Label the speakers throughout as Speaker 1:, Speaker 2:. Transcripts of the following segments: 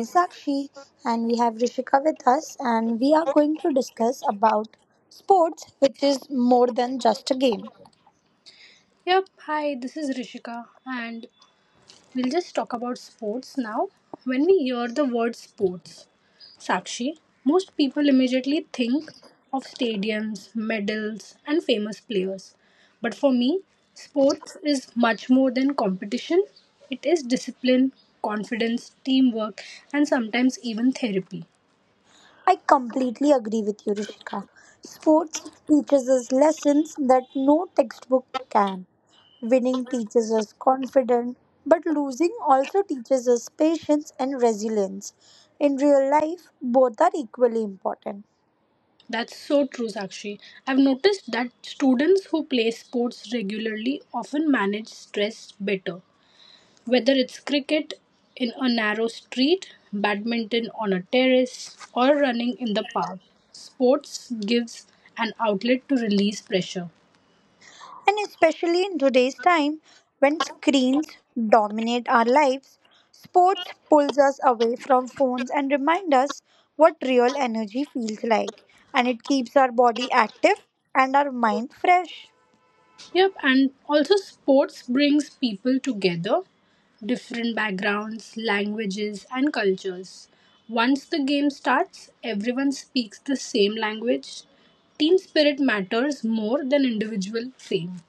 Speaker 1: Is Sakshi and we have Rishika with us and we are going to discuss about sports which is more than just a game.
Speaker 2: Yep, hi, this is Rishika, and we'll just talk about sports now. When we hear the word sports, Sakshi, most people immediately think of stadiums, medals, and famous players. But for me, sports is much more than competition, it is discipline, confidence, teamwork, and sometimes even therapy.
Speaker 1: I completely agree with you Rishika. Sports teaches us lessons that no textbook can. Winning teaches us confidence, but losing also teaches us patience and resilience. In real life, both are equally important.
Speaker 2: That's so true, Sakshi. I've noticed that students who play sports regularly often manage stress better. Whether it's cricket in a narrow street, badminton on a terrace, or running in the park, sports gives an outlet to release pressure.
Speaker 1: And especially in today's time when screens dominate our lives, sports pulls us away from phones and remind us what real energy feels like. And it keeps our body active and our mind fresh.
Speaker 2: Yep, and also sports brings people together, different backgrounds, languages, and cultures. Once the game starts, everyone speaks the same language. Team spirit matters more than individual fame.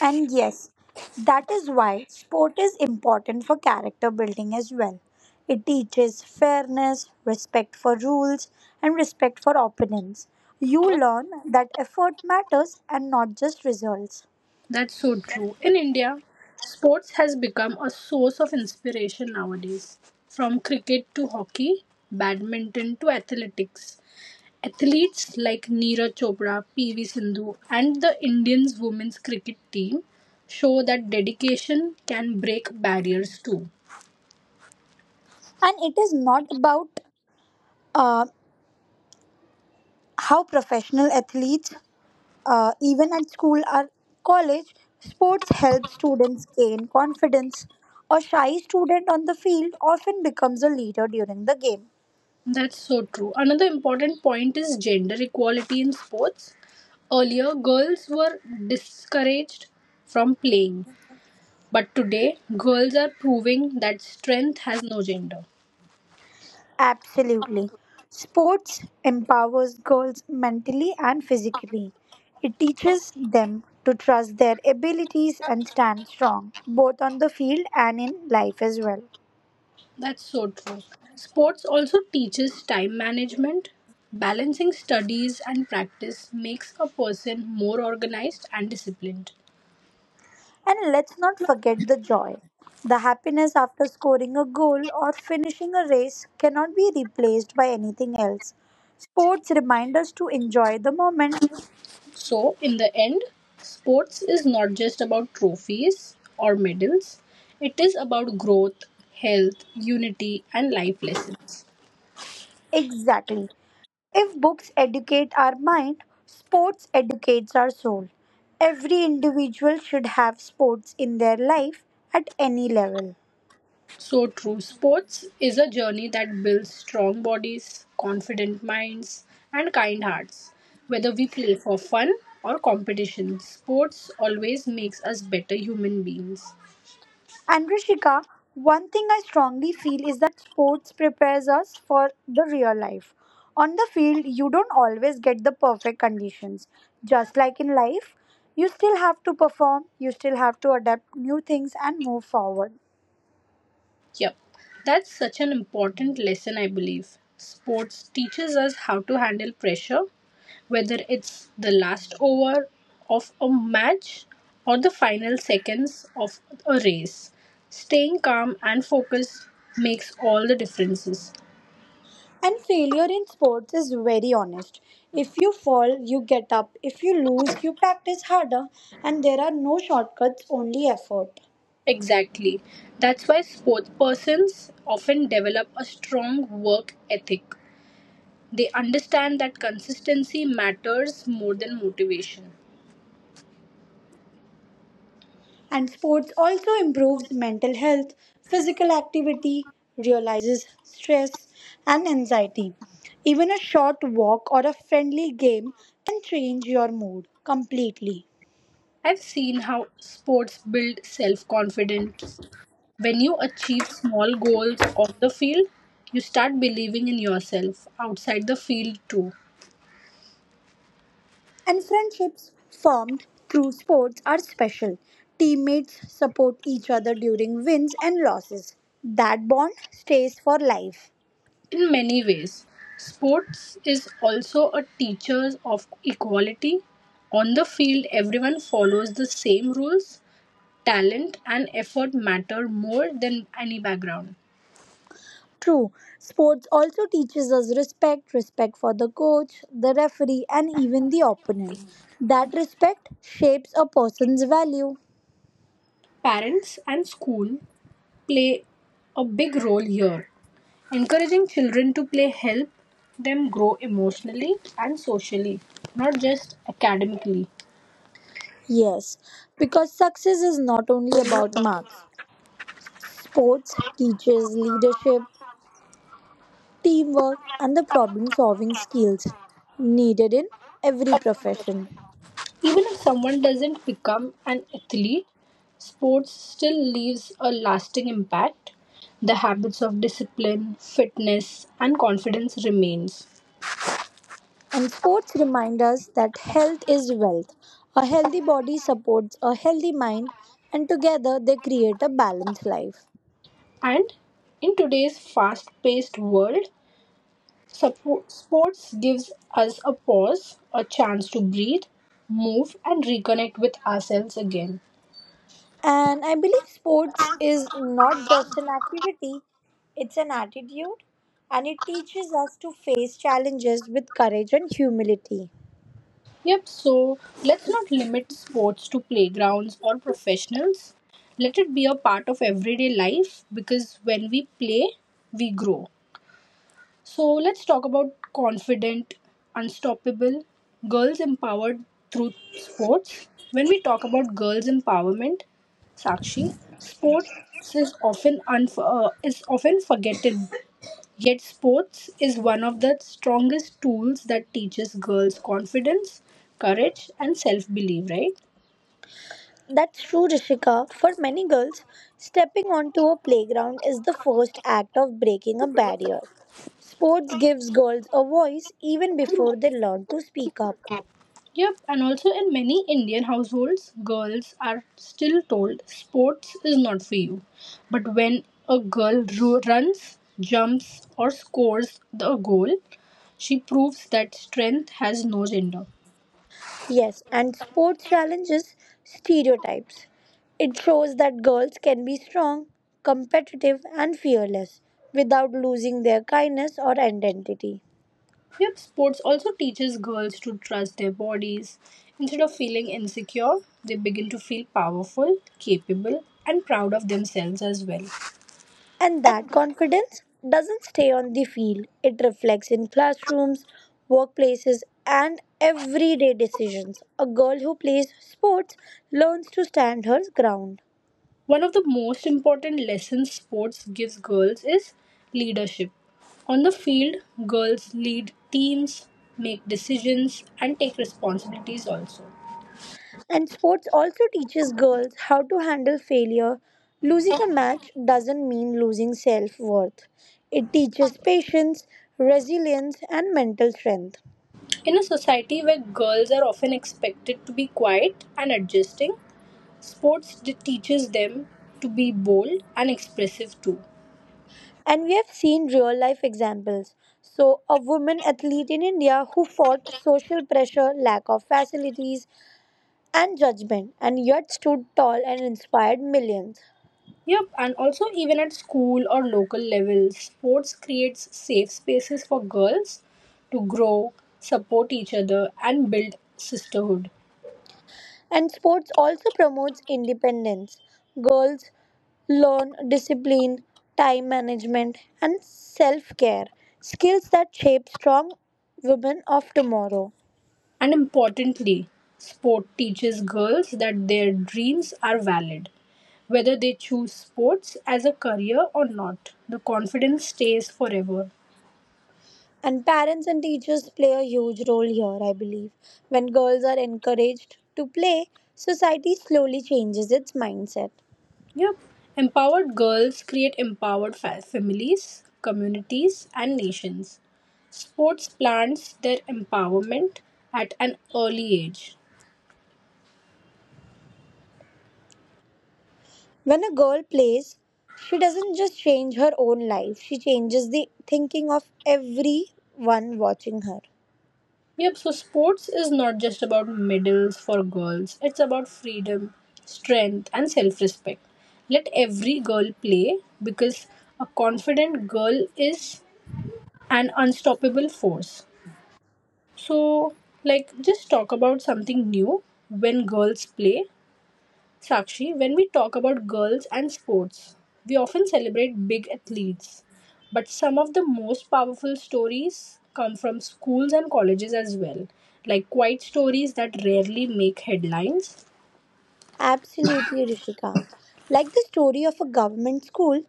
Speaker 1: And yes, that is why sport is important for character building as well. It teaches fairness, respect for rules, and respect for opponents. You learn that effort matters and not just results.
Speaker 2: That's so true. In India, sports has become a source of inspiration nowadays. From cricket to hockey, badminton to athletics. Athletes like Neeraj Chopra, PV Sindhu, and the Indians women's cricket team show that dedication can break barriers too.
Speaker 1: And it is not about uh, how professional athletes, even at school or college, sports help students gain confidence. A shy student on the field often becomes a leader during the game.
Speaker 2: That's so true. Another important point is gender equality in sports. Earlier, girls were discouraged from playing, but today, girls are proving that strength has no gender.
Speaker 1: Absolutely, sports empowers girls mentally and physically. It teaches them to trust their abilities and stand strong both on the field and in life as well.
Speaker 2: That's so true. Sports also teaches time management. Balancing studies and practice makes a person more organized and disciplined.
Speaker 1: And let's not forget the joy. The happiness after scoring a goal or finishing a race cannot be replaced by anything else. Sports remind us to enjoy the moment.
Speaker 2: So, in the end, sports is not just about trophies or medals, it is about growth, health, unity, and life lessons.
Speaker 1: Exactly. If books educate our mind, sports educates our soul. Every individual should have sports in their life at any level.
Speaker 2: So true. Sports is a journey that builds strong bodies, confident minds, and kind hearts. Whether we play for fun or competition, sports always makes us better human beings.
Speaker 1: And Rishika, one thing I strongly feel is that sports prepares us for the real life. On the field, you don't always get the perfect conditions. Just like in life, you still have to perform, you still have to adapt new things and move forward.
Speaker 2: Yep, that's such an important lesson, I believe. Sports teaches us how to handle pressure, whether it's the last over of a match or the final seconds of a race. Staying calm and focused makes all the differences.
Speaker 1: And failure in sports is very honest. If you fall, you get up. If you lose, you practice harder. And there are no shortcuts, only effort.
Speaker 2: Exactly. That's why sports persons often develop a strong work ethic. They understand that consistency matters more than motivation.
Speaker 1: And sports also improves mental health. Physical activity realizes stress and anxiety. Even a short walk or a friendly game can change your mood completely.
Speaker 2: I've seen how sports build self confidence. When you achieve small goals on the field, you start believing in yourself outside the field too.
Speaker 1: And friendships formed through sports are special. Teammates support each other during wins and losses. That bond stays for life.
Speaker 2: In many ways, sports is also a teacher of equality. On the field, everyone follows the same rules. Talent and effort matter more than any background.
Speaker 1: True, sports also teaches us respect, respect for the coach, the referee, and even the opponent. That respect shapes a person's value.
Speaker 2: Parents and school play a big role here. Encouraging children to play help them grow emotionally and socially, not just academically.
Speaker 1: Yes, because success is not only about marks. Sports teaches leadership, teamwork, and the problem solving skills needed in every profession.
Speaker 2: Even if someone doesn't become an athlete, sports still leaves a lasting impact. The habits of discipline, fitness, and confidence remains.
Speaker 1: And sports remind us that health is wealth. A healthy body supports a healthy mind, and together they create a balanced life.
Speaker 2: And in today's fast-paced world, sports gives us a pause, a chance to breathe, move, and reconnect with ourselves again.
Speaker 1: And I believe sports is not just an activity, it's an attitude, and it teaches us to face challenges with courage and humility.
Speaker 2: Yep, so let's not limit sports to playgrounds or professionals. Let it be a part of everyday life because when we play, we grow. So let's talk about confident, unstoppable girls empowered through sports. When we talk about girls empowerment, Sakshi, sports is often unf is often forgotten. Yet sports is one of the strongest tools that teaches girls confidence, courage, and self belief. Right?
Speaker 1: That's true, Rishika. For many girls, stepping onto a playground is the first act of breaking a barrier. Sports gives girls a voice even before they learn to speak up.
Speaker 2: Yep, and also in many Indian households, girls are still told sports is not for you. But when a girl runs, jumps, or scores the goal, she proves that strength has no gender.
Speaker 1: Yes, and sports challenges stereotypes. It shows that girls can be strong, competitive, and fearless without losing their kindness or identity.
Speaker 2: Yep, sports also teaches girls to trust their bodies. Instead of feeling insecure, they begin to feel powerful, capable, and proud of themselves as well.
Speaker 1: And that confidence doesn't stay on the field, it reflects in classrooms, workplaces, and everyday decisions. A girl who plays sports learns to stand her ground.
Speaker 2: One of the most important lessons sports gives girls is leadership. On the field, girls lead teams, make decisions, and take responsibilities also.
Speaker 1: And sports also teaches girls how to handle failure. Losing a match doesn't mean losing self worth, it teaches patience, resilience, and mental strength.
Speaker 2: In a society where girls are often expected to be quiet and adjusting, sports teaches them to be bold and expressive too.
Speaker 1: And we have seen real life examples. So, a woman athlete in India who fought social pressure, lack of facilities, and judgment, and yet stood tall and inspired millions.
Speaker 2: Yep, and also even at school or local level, sports creates safe spaces for girls to grow, support each other, and build sisterhood.
Speaker 1: And sports also promotes independence. Girls learn discipline, time management, and self care, skills that shape strong women of tomorrow.
Speaker 2: And importantly, sport teaches girls that their dreams are valid. Whether they choose sports as a career or not, the confidence stays forever.
Speaker 1: And parents and teachers play a huge role here, I believe. When girls are encouraged to play, society slowly changes its mindset.
Speaker 2: Yep. Empowered girls create empowered families, communities, and nations. Sports plants their empowerment at an early age.
Speaker 1: When a girl plays, she doesn't just change her own life, she changes the thinking of everyone watching her.
Speaker 2: Yep, so sports is not just about medals for girls, it's about freedom, strength, and self respect. Let every girl play because a confident girl is an unstoppable force. So, like, just talk about something new. When girls play Sakshi, when we talk about girls and sports, we often celebrate big athletes. But some of the most powerful stories come from schools and colleges as well, like quiet stories that rarely make headlines.
Speaker 1: Absolutely, Rishika. Like the story of a government school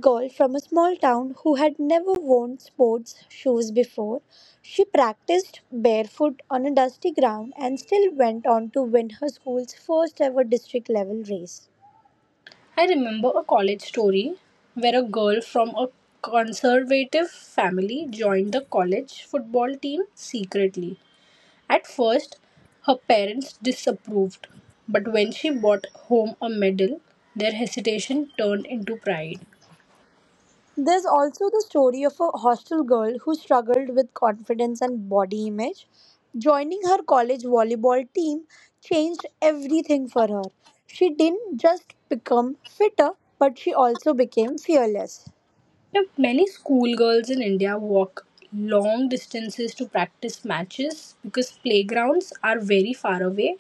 Speaker 1: girl from a small town who had never worn sports shoes before, she practiced barefoot on a dusty ground and still went on to win her school's first ever district level race.
Speaker 2: I remember a college story where a girl from a conservative family joined the college football team secretly. At first her parents disapproved, but when she brought home a medal, their hesitation turned into pride.
Speaker 1: There's also the story of a hostel girl who struggled with confidence and body image. Joining her college volleyball team changed everything for her. She didn't just become fitter, but she also became fearless.
Speaker 2: Now, many schoolgirls in India walk long distances to practice matches because playgrounds are very far away.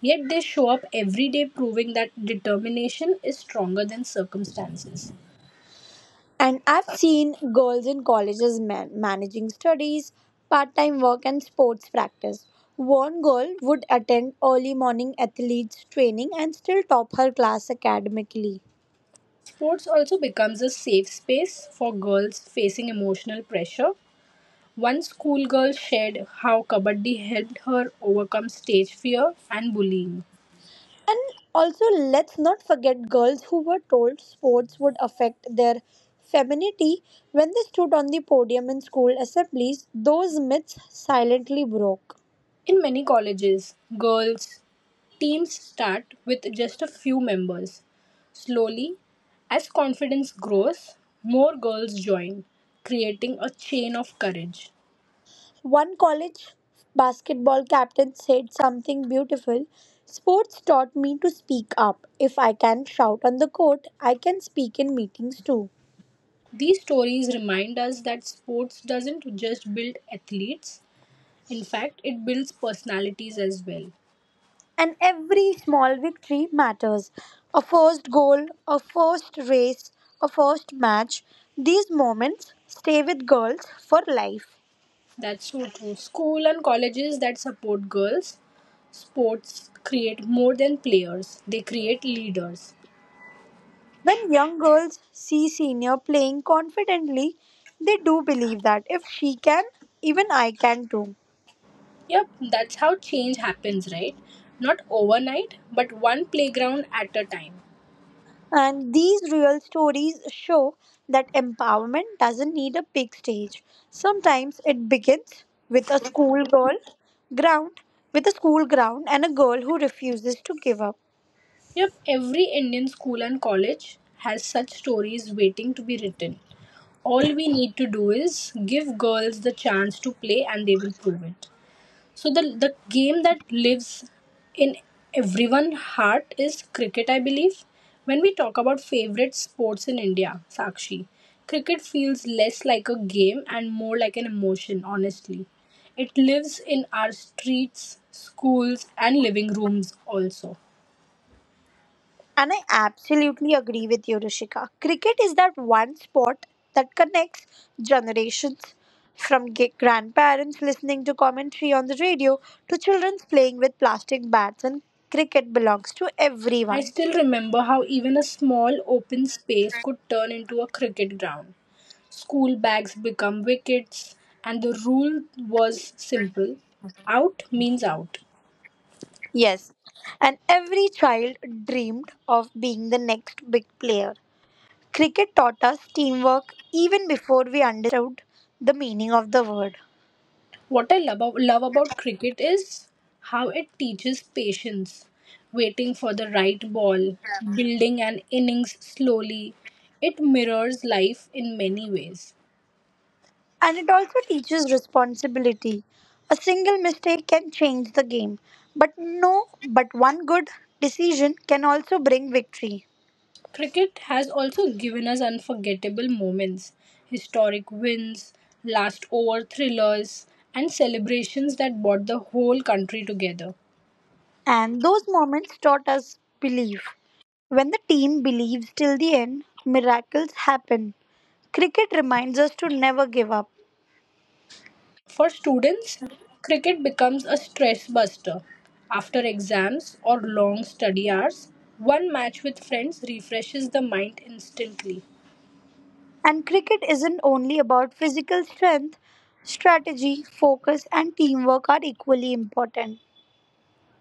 Speaker 2: Yet they show up every day proving that determination is stronger than circumstances.
Speaker 1: And I've seen girls in colleges managing studies, part time work, and sports practice. One girl would attend early morning athletes training and still top her class academically.
Speaker 2: Sports also becomes a safe space for girls facing emotional pressure. One schoolgirl shared how Kabaddi helped her overcome stage fear and bullying.
Speaker 1: And also, let's not forget girls who were told sports would affect their femininity when they stood on the podium in school assemblies. Those myths silently broke.
Speaker 2: In many colleges, girls' teams start with just a few members. Slowly, as confidence grows, more girls join, creating a chain of courage.
Speaker 1: One college basketball captain said something beautiful. Sports taught me to speak up. If I can shout on the court, I can speak in meetings too.
Speaker 2: These stories remind us that sports doesn't just build athletes, in fact, it builds personalities as well.
Speaker 1: And every small victory matters. A first goal, a first race, a first match, these moments stay with girls for life.
Speaker 2: That's so true. School and colleges that support girls, sports create more than players, they create leaders.
Speaker 1: When young girls see senior playing confidently, they do believe that if she can, even I can too.
Speaker 2: Yep, that's how change happens, right? Not overnight, but one playground at a time.
Speaker 1: And these real stories show that empowerment doesn't need a big stage. Sometimes it begins ground, with a school ground and a girl who refuses to give up.
Speaker 2: Yep, every Indian school and college has such stories waiting to be written. All we need to do is give girls the chance to play and they will prove it. So the game that lives in everyone's heart is cricket, I believe. When we talk about favorite sports in India, Sakshi, cricket feels less like a game and more like an emotion, honestly. It lives in our streets, schools, and living rooms also.
Speaker 1: And I absolutely agree with you, Rishika. Cricket is that one sport that connects generations, from grandparents listening to commentary on the radio to children playing with plastic bats, and cricket belongs to
Speaker 2: I
Speaker 1: everyone.
Speaker 2: still remember how even a small open space could turn into a cricket ground. School bags become wickets, and the rule was simple: out means out.
Speaker 1: Yes, and every child dreamed of being the next big player. Cricket taught us teamwork even before we understood the meaning of the word.
Speaker 2: What I love, love about cricket is how it teaches patience, waiting for the right ball, building an innings slowly. It mirrors life in many ways.
Speaker 1: And it also teaches responsibility. A single mistake can change the game, but no, but one good decision can also bring victory.
Speaker 2: Cricket has also given us unforgettable moments, historic wins, last over thrillers, and celebrations that brought the whole country together.
Speaker 1: And those moments taught us belief. When the team believes till the end, miracles happen. Cricket reminds us to never give up.
Speaker 2: For students, cricket becomes a stress buster. After exams or long study hours, one match with friends refreshes the mind instantly.
Speaker 1: And cricket isn't only about physical strength, strategy, focus, and teamwork are equally important.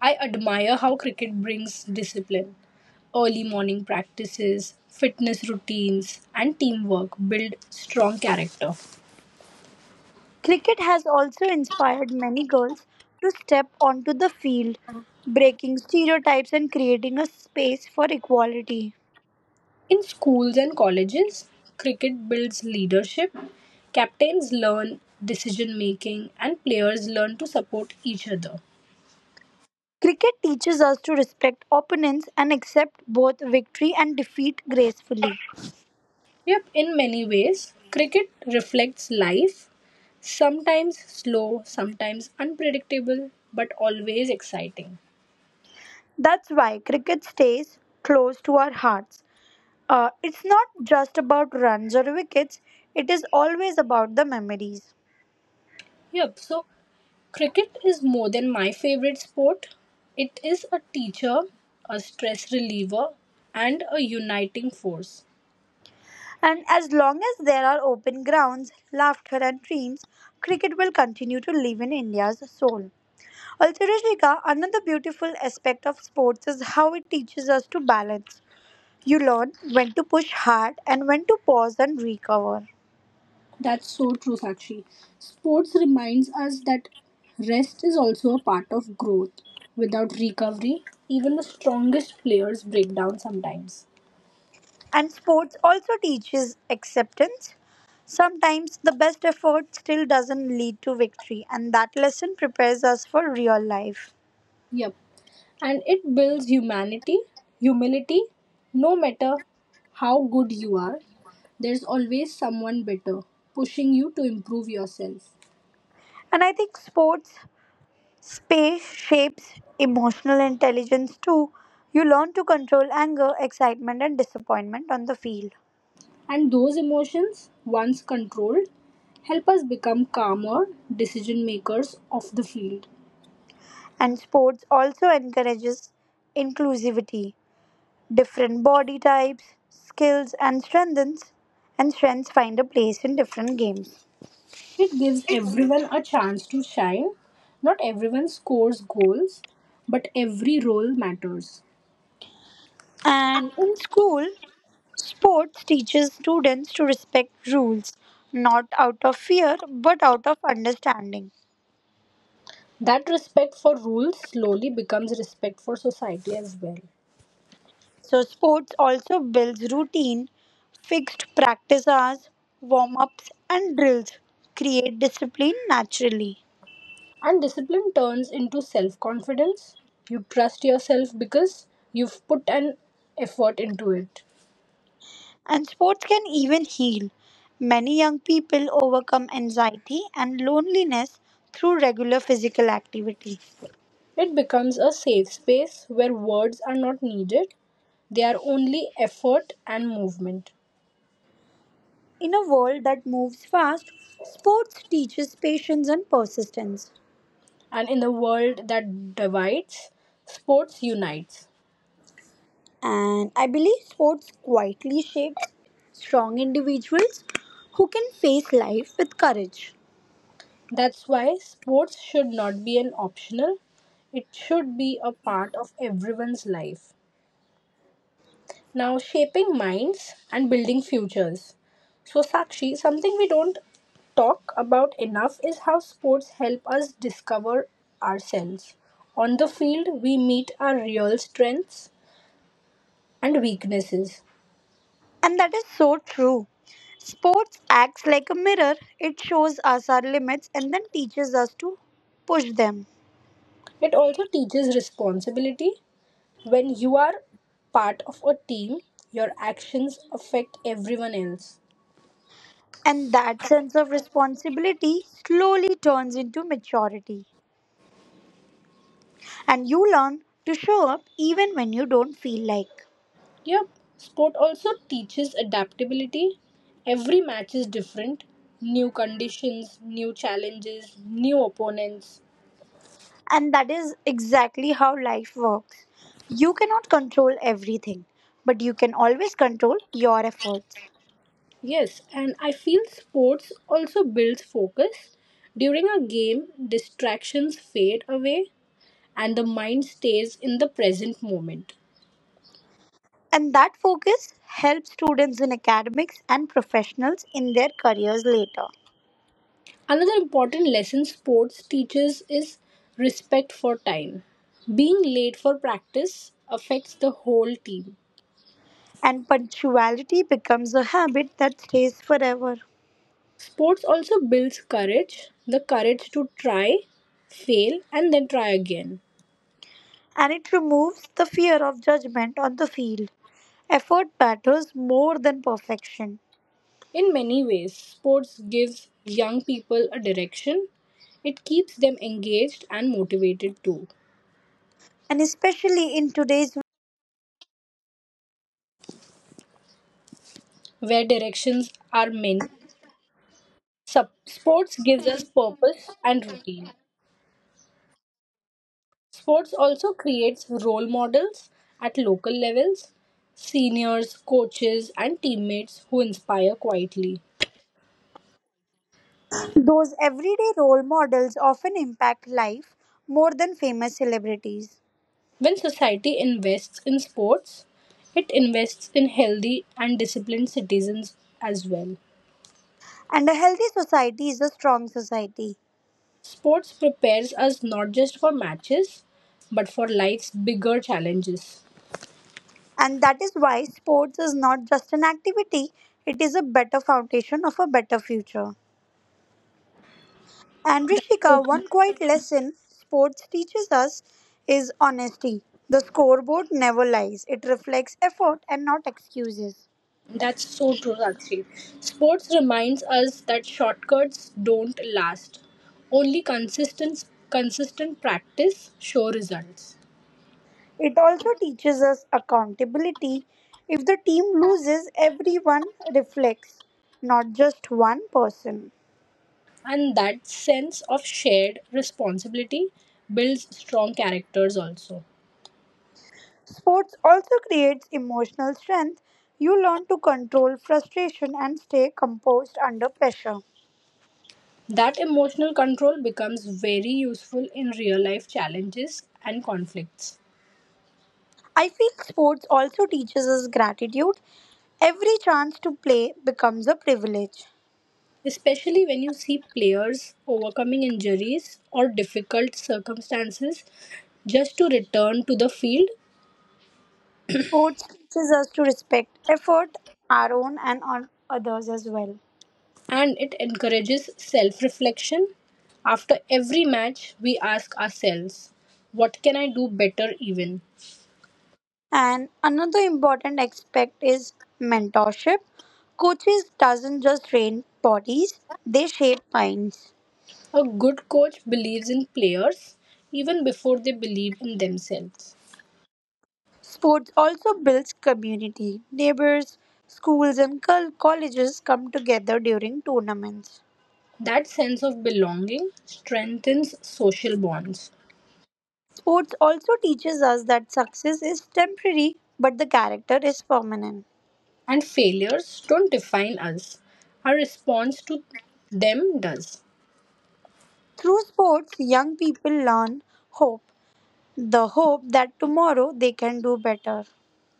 Speaker 2: I admire how cricket brings discipline. Early morning practices, fitness routines, and teamwork build strong character.
Speaker 1: Cricket has also inspired many girls to step onto the field, breaking stereotypes and creating a space for equality.
Speaker 2: In schools and colleges, cricket builds leadership. Captains learn decision making, and players learn to support each other.
Speaker 1: Cricket teaches us to respect opponents and accept both victory and defeat gracefully.
Speaker 2: Yep, in many ways, cricket reflects life, sometimes slow, sometimes unpredictable, but always exciting.
Speaker 1: That's why cricket stays close to our hearts. It's not just about runs or wickets, it is always about the memories.
Speaker 2: Yep, so cricket is more than my favorite sport. It is a teacher, a stress reliever, and a uniting force.
Speaker 1: And as long as there are open grounds, laughter, and dreams, cricket will continue to live in India's soul. Also, Rishika, another beautiful aspect of sports is how it teaches us to balance. You learn when to push hard and when to pause and recover.
Speaker 2: That's so true, Sakshi. Sports reminds us that rest is also a part of growth. Without recovery, even the strongest players break down sometimes.
Speaker 1: And sports also teaches acceptance. Sometimes the best effort still doesn't lead to victory, and that lesson prepares us for real life.
Speaker 2: Yep. And it builds humility. No matter how good you are, there's always someone better pushing you to improve yourself.
Speaker 1: And I think sports Space shapes emotional intelligence too. You learn to control anger, excitement, and disappointment on the field.
Speaker 2: And those emotions, once controlled, help us become calmer decision makers of the field.
Speaker 1: And sports also encourages inclusivity. Different body types, skills, and strengths find a place in different games.
Speaker 2: It gives everyone a chance to shine. Not everyone scores goals, but every role matters.
Speaker 1: And in school, sports teaches students to respect rules, not out of fear but out of understanding.
Speaker 2: That respect for rules slowly becomes respect for society as well.
Speaker 1: So, sports also builds routine, fixed practice hours, warm ups, and drills create discipline naturally.
Speaker 2: And discipline turns into self confidence. You trust yourself because you've put an effort into it.
Speaker 1: And sports can even heal. Many young people overcome anxiety and loneliness through regular physical activity.
Speaker 2: It becomes a safe space where words are not needed, they are only effort and movement.
Speaker 1: In a world that moves fast, sports teaches patience and persistence.
Speaker 2: And in a world that divides, sports unites.
Speaker 1: And I believe sports quietly shapes strong individuals who can face life with courage.
Speaker 2: That's why sports should not be an optional, it should be a part of everyone's life. Now, shaping minds and building futures. So, Sakshi, something we don't talk about enough is how sports help us discover ourselves. On the field, we meet our real strengths and weaknesses.
Speaker 1: And that is so true. Sports acts like a mirror, it shows us our limits and then teaches us to push them.
Speaker 2: It also teaches responsibility. When you are part of a team, your actions affect everyone else.
Speaker 1: And that sense of responsibility slowly turns into maturity. And you learn to show up even when you don't feel like.
Speaker 2: Yep, sport also teaches adaptability. Every match is different. New conditions, new challenges, new opponents.
Speaker 1: And that is exactly how life works. You cannot control everything, but you can always control your efforts.
Speaker 2: Yes, and I feel sports also builds focus. During a game, distractions fade away and the mind stays in the present moment.
Speaker 1: And that focus helps students in academics and professionals in their careers later.
Speaker 2: Another important lesson sports teaches is respect for time. Being late for practice affects the whole team.
Speaker 1: And punctuality becomes a habit that stays forever.
Speaker 2: Sports also builds courage, the courage to try, fail, and then try again.
Speaker 1: And it removes the fear of judgment on the field. Effort matters more than perfection.
Speaker 2: In many ways, sports gives young people a direction. It keeps them engaged and motivated too.
Speaker 1: And especially in today's
Speaker 2: Where directions are many, sports gives us purpose and routine. Sports also creates role models at local levels, seniors, coaches, and teammates who inspire quietly.
Speaker 1: Those everyday role models often impact life more than famous celebrities.
Speaker 2: When society invests in sports, it invests in healthy and disciplined citizens as well.
Speaker 1: And a healthy society is a strong society.
Speaker 2: Sports prepares us not just for matches, but for life's bigger challenges.
Speaker 1: And that is why sports is not just an activity, it is a better foundation of a better future. And Rishika,
Speaker 2: So-
Speaker 1: one quiet lesson sports teaches us is honesty. The scoreboard never lies, it reflects effort and not excuses.
Speaker 2: That's so true, Sakshi. Sports reminds us that shortcuts don't last. Only consistent practice show results.
Speaker 1: It also teaches us accountability. If the team loses, everyone reflects, not just one person.
Speaker 2: And that sense of shared responsibility builds strong characters also.
Speaker 1: Sports also creates emotional strength. You learn to control frustration and stay composed under pressure.
Speaker 2: That emotional control becomes very useful in real life challenges and conflicts,
Speaker 1: I feel sports also teaches us gratitude. Every chance to play becomes a privilege.
Speaker 2: especially when you see players overcoming injuries or difficult circumstances just to return to the field,
Speaker 1: Sports teaches us to respect effort, our own and on others as well.
Speaker 2: and it encourages self reflection. After every match, we ask ourselves, what can I do better? Even
Speaker 1: And another important aspect is mentorship. Coaches doesn't just train bodies, they shape minds.
Speaker 2: a good coach believes in players even before they believe in themselves.
Speaker 1: Sports also builds community. Neighbors, schools and colleges come together during tournaments.
Speaker 2: That sense of belonging strengthens social bonds.
Speaker 1: Sports also teaches us that success is temporary but the character is permanent.
Speaker 2: And failures don't define us, our response to them does.
Speaker 1: Through sports, young people learn hope, the hope that tomorrow they can do better.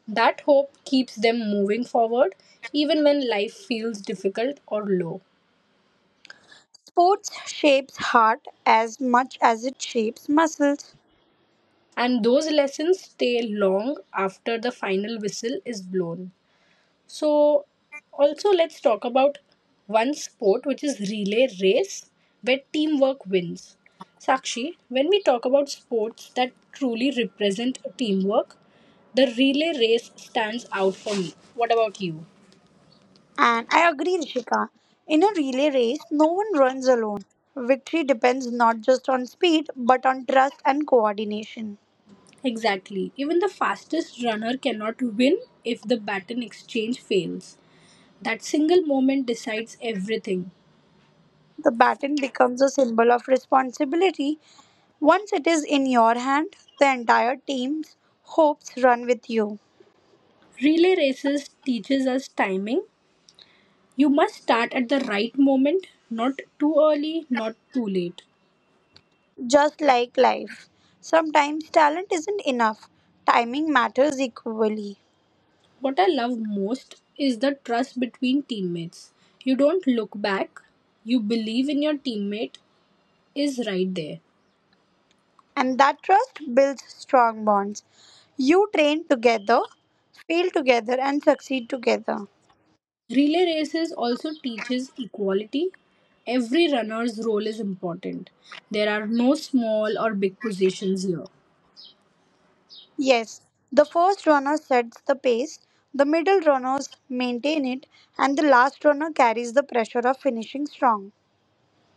Speaker 2: That hope keeps them moving forward even when life feels difficult or low.
Speaker 1: Sports shapes heart as much as it shapes muscles.
Speaker 2: And those lessons stay long after the final whistle is blown. So, also let's talk about one sport which is relay race where teamwork wins. Sakshi, when we talk about sports that truly represent teamwork, the relay race stands out for me. What about you?
Speaker 1: And I agree, Rishika. In a relay race, no one runs alone. Victory depends not just on speed, but on trust and coordination.
Speaker 2: Exactly. Even the fastest runner cannot win if the baton exchange fails. That single moment decides everything.
Speaker 1: The baton becomes a symbol of responsibility. Once it is in your hand, the entire team's hopes run with you.
Speaker 2: Relay races teaches us timing. You must start at the right moment, not too early, not too late.
Speaker 1: Just like life, sometimes talent isn't enough, timing matters equally.
Speaker 2: What I love most is the trust between teammates. You don't look back, you believe in your teammate is right there.
Speaker 1: And that trust builds strong bonds. You train together, fail together, and succeed together.
Speaker 2: Relay races also teaches equality. Every runner's role is important. There are no small or big positions here.
Speaker 1: Yes, the first runner sets the pace, the middle runners maintain it, and the last runner carries the pressure of finishing strong.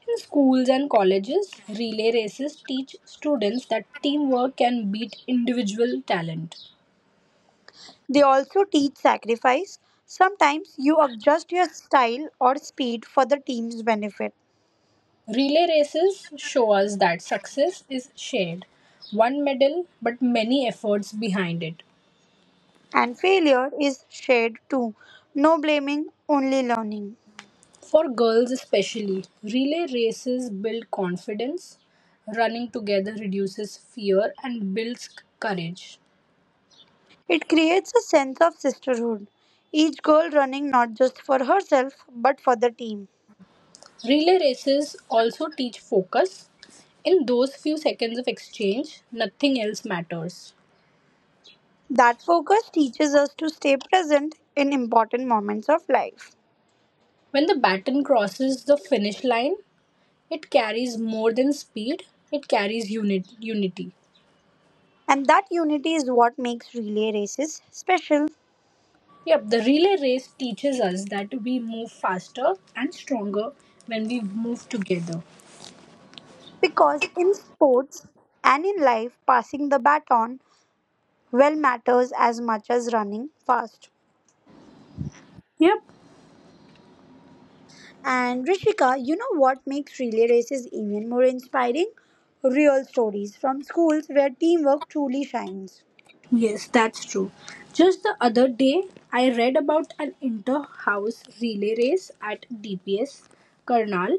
Speaker 2: In schools and colleges, relay races teach students that teamwork can beat individual talent.
Speaker 1: They also teach sacrifice. Sometimes you adjust your style or speed for the team's benefit.
Speaker 2: Relay races show us that success is shared. One medal, but many efforts behind it.
Speaker 1: And failure is shared too. No blaming, only learning.
Speaker 2: For girls, especially, relay races build confidence. Running together reduces fear and builds courage.
Speaker 1: It creates a sense of sisterhood, each girl running not just for herself but for the team.
Speaker 2: Relay races also teach focus. In those few seconds of exchange, nothing else matters.
Speaker 1: That focus teaches us to stay present in important moments of life.
Speaker 2: When the baton crosses the finish line, it carries more than speed, it carries unity.
Speaker 1: And that unity is what makes relay races special
Speaker 2: Yep, the relay race teaches us that we move faster and stronger when we move together.
Speaker 1: because in sports and in life, passing the baton well matters as much as running fast.
Speaker 2: Yep,
Speaker 1: And Rishika, you know what makes relay races even more inspiring? Real stories from schools where teamwork truly shines.
Speaker 2: yes, that's true. Just the other day, I read about an inter house relay race at DPS Karnal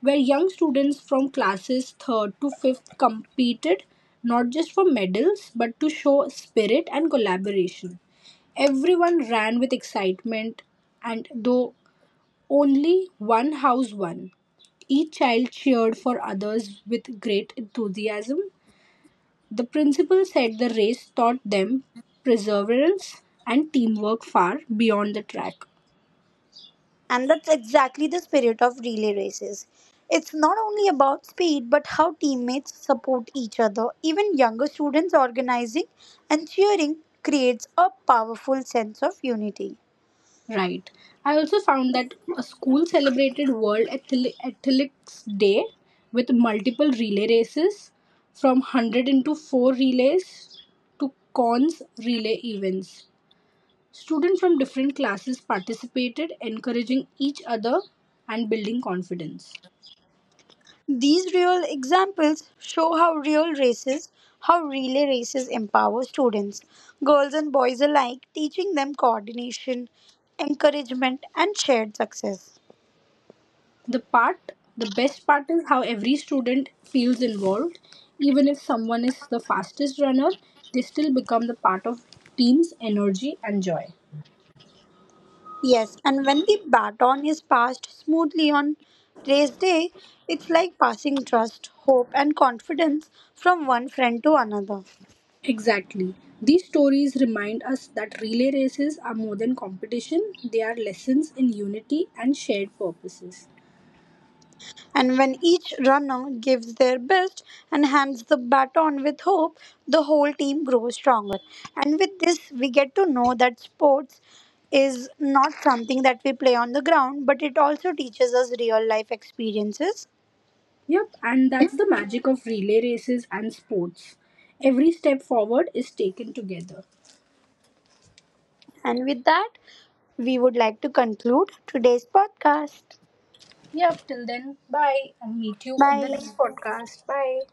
Speaker 2: where young students from classes 3rd to 5th competed not just for medals but to show spirit and collaboration. Everyone ran with excitement, and though only one house won, each child cheered for others with great enthusiasm. The principal said the race taught them perseverance and teamwork far beyond the track.
Speaker 1: And that's exactly the spirit of relay races. It's not only about speed, but how teammates support each other. Even younger students organizing and cheering creates a powerful sense of unity.
Speaker 2: Right. I also found that a school celebrated World Athletics Day with multiple relay races, from 100 into 4 relays to cons relay events. Students from different classes participated, encouraging each other and building confidence.
Speaker 1: These real examples show how relay races empower students, girls and boys alike, teaching them coordination, encouragement, and shared success.
Speaker 2: The part, the best part is how every student feels involved. Even if someone is the fastest runner, they still become the part of team's energy and joy.
Speaker 1: Yes, and when the baton is passed smoothly on race day, it's like passing trust, hope, and confidence from one friend to another.
Speaker 2: Exactly. These stories remind us that relay races are more than competition, they are lessons in unity and shared purposes.
Speaker 1: And when each runner gives their best and hands the baton with hope, the whole team grows stronger. And with this, we get to know that sports is not something that we play on the ground, but it also teaches us real life experiences.
Speaker 2: Yep, and that's the magic of relay races and sports. Every step forward is taken together.
Speaker 1: And with that, we would like to conclude today's podcast.
Speaker 2: Yep, till then, bye and meet you in the next
Speaker 1: 拜。
Speaker 2: podcast. Bye.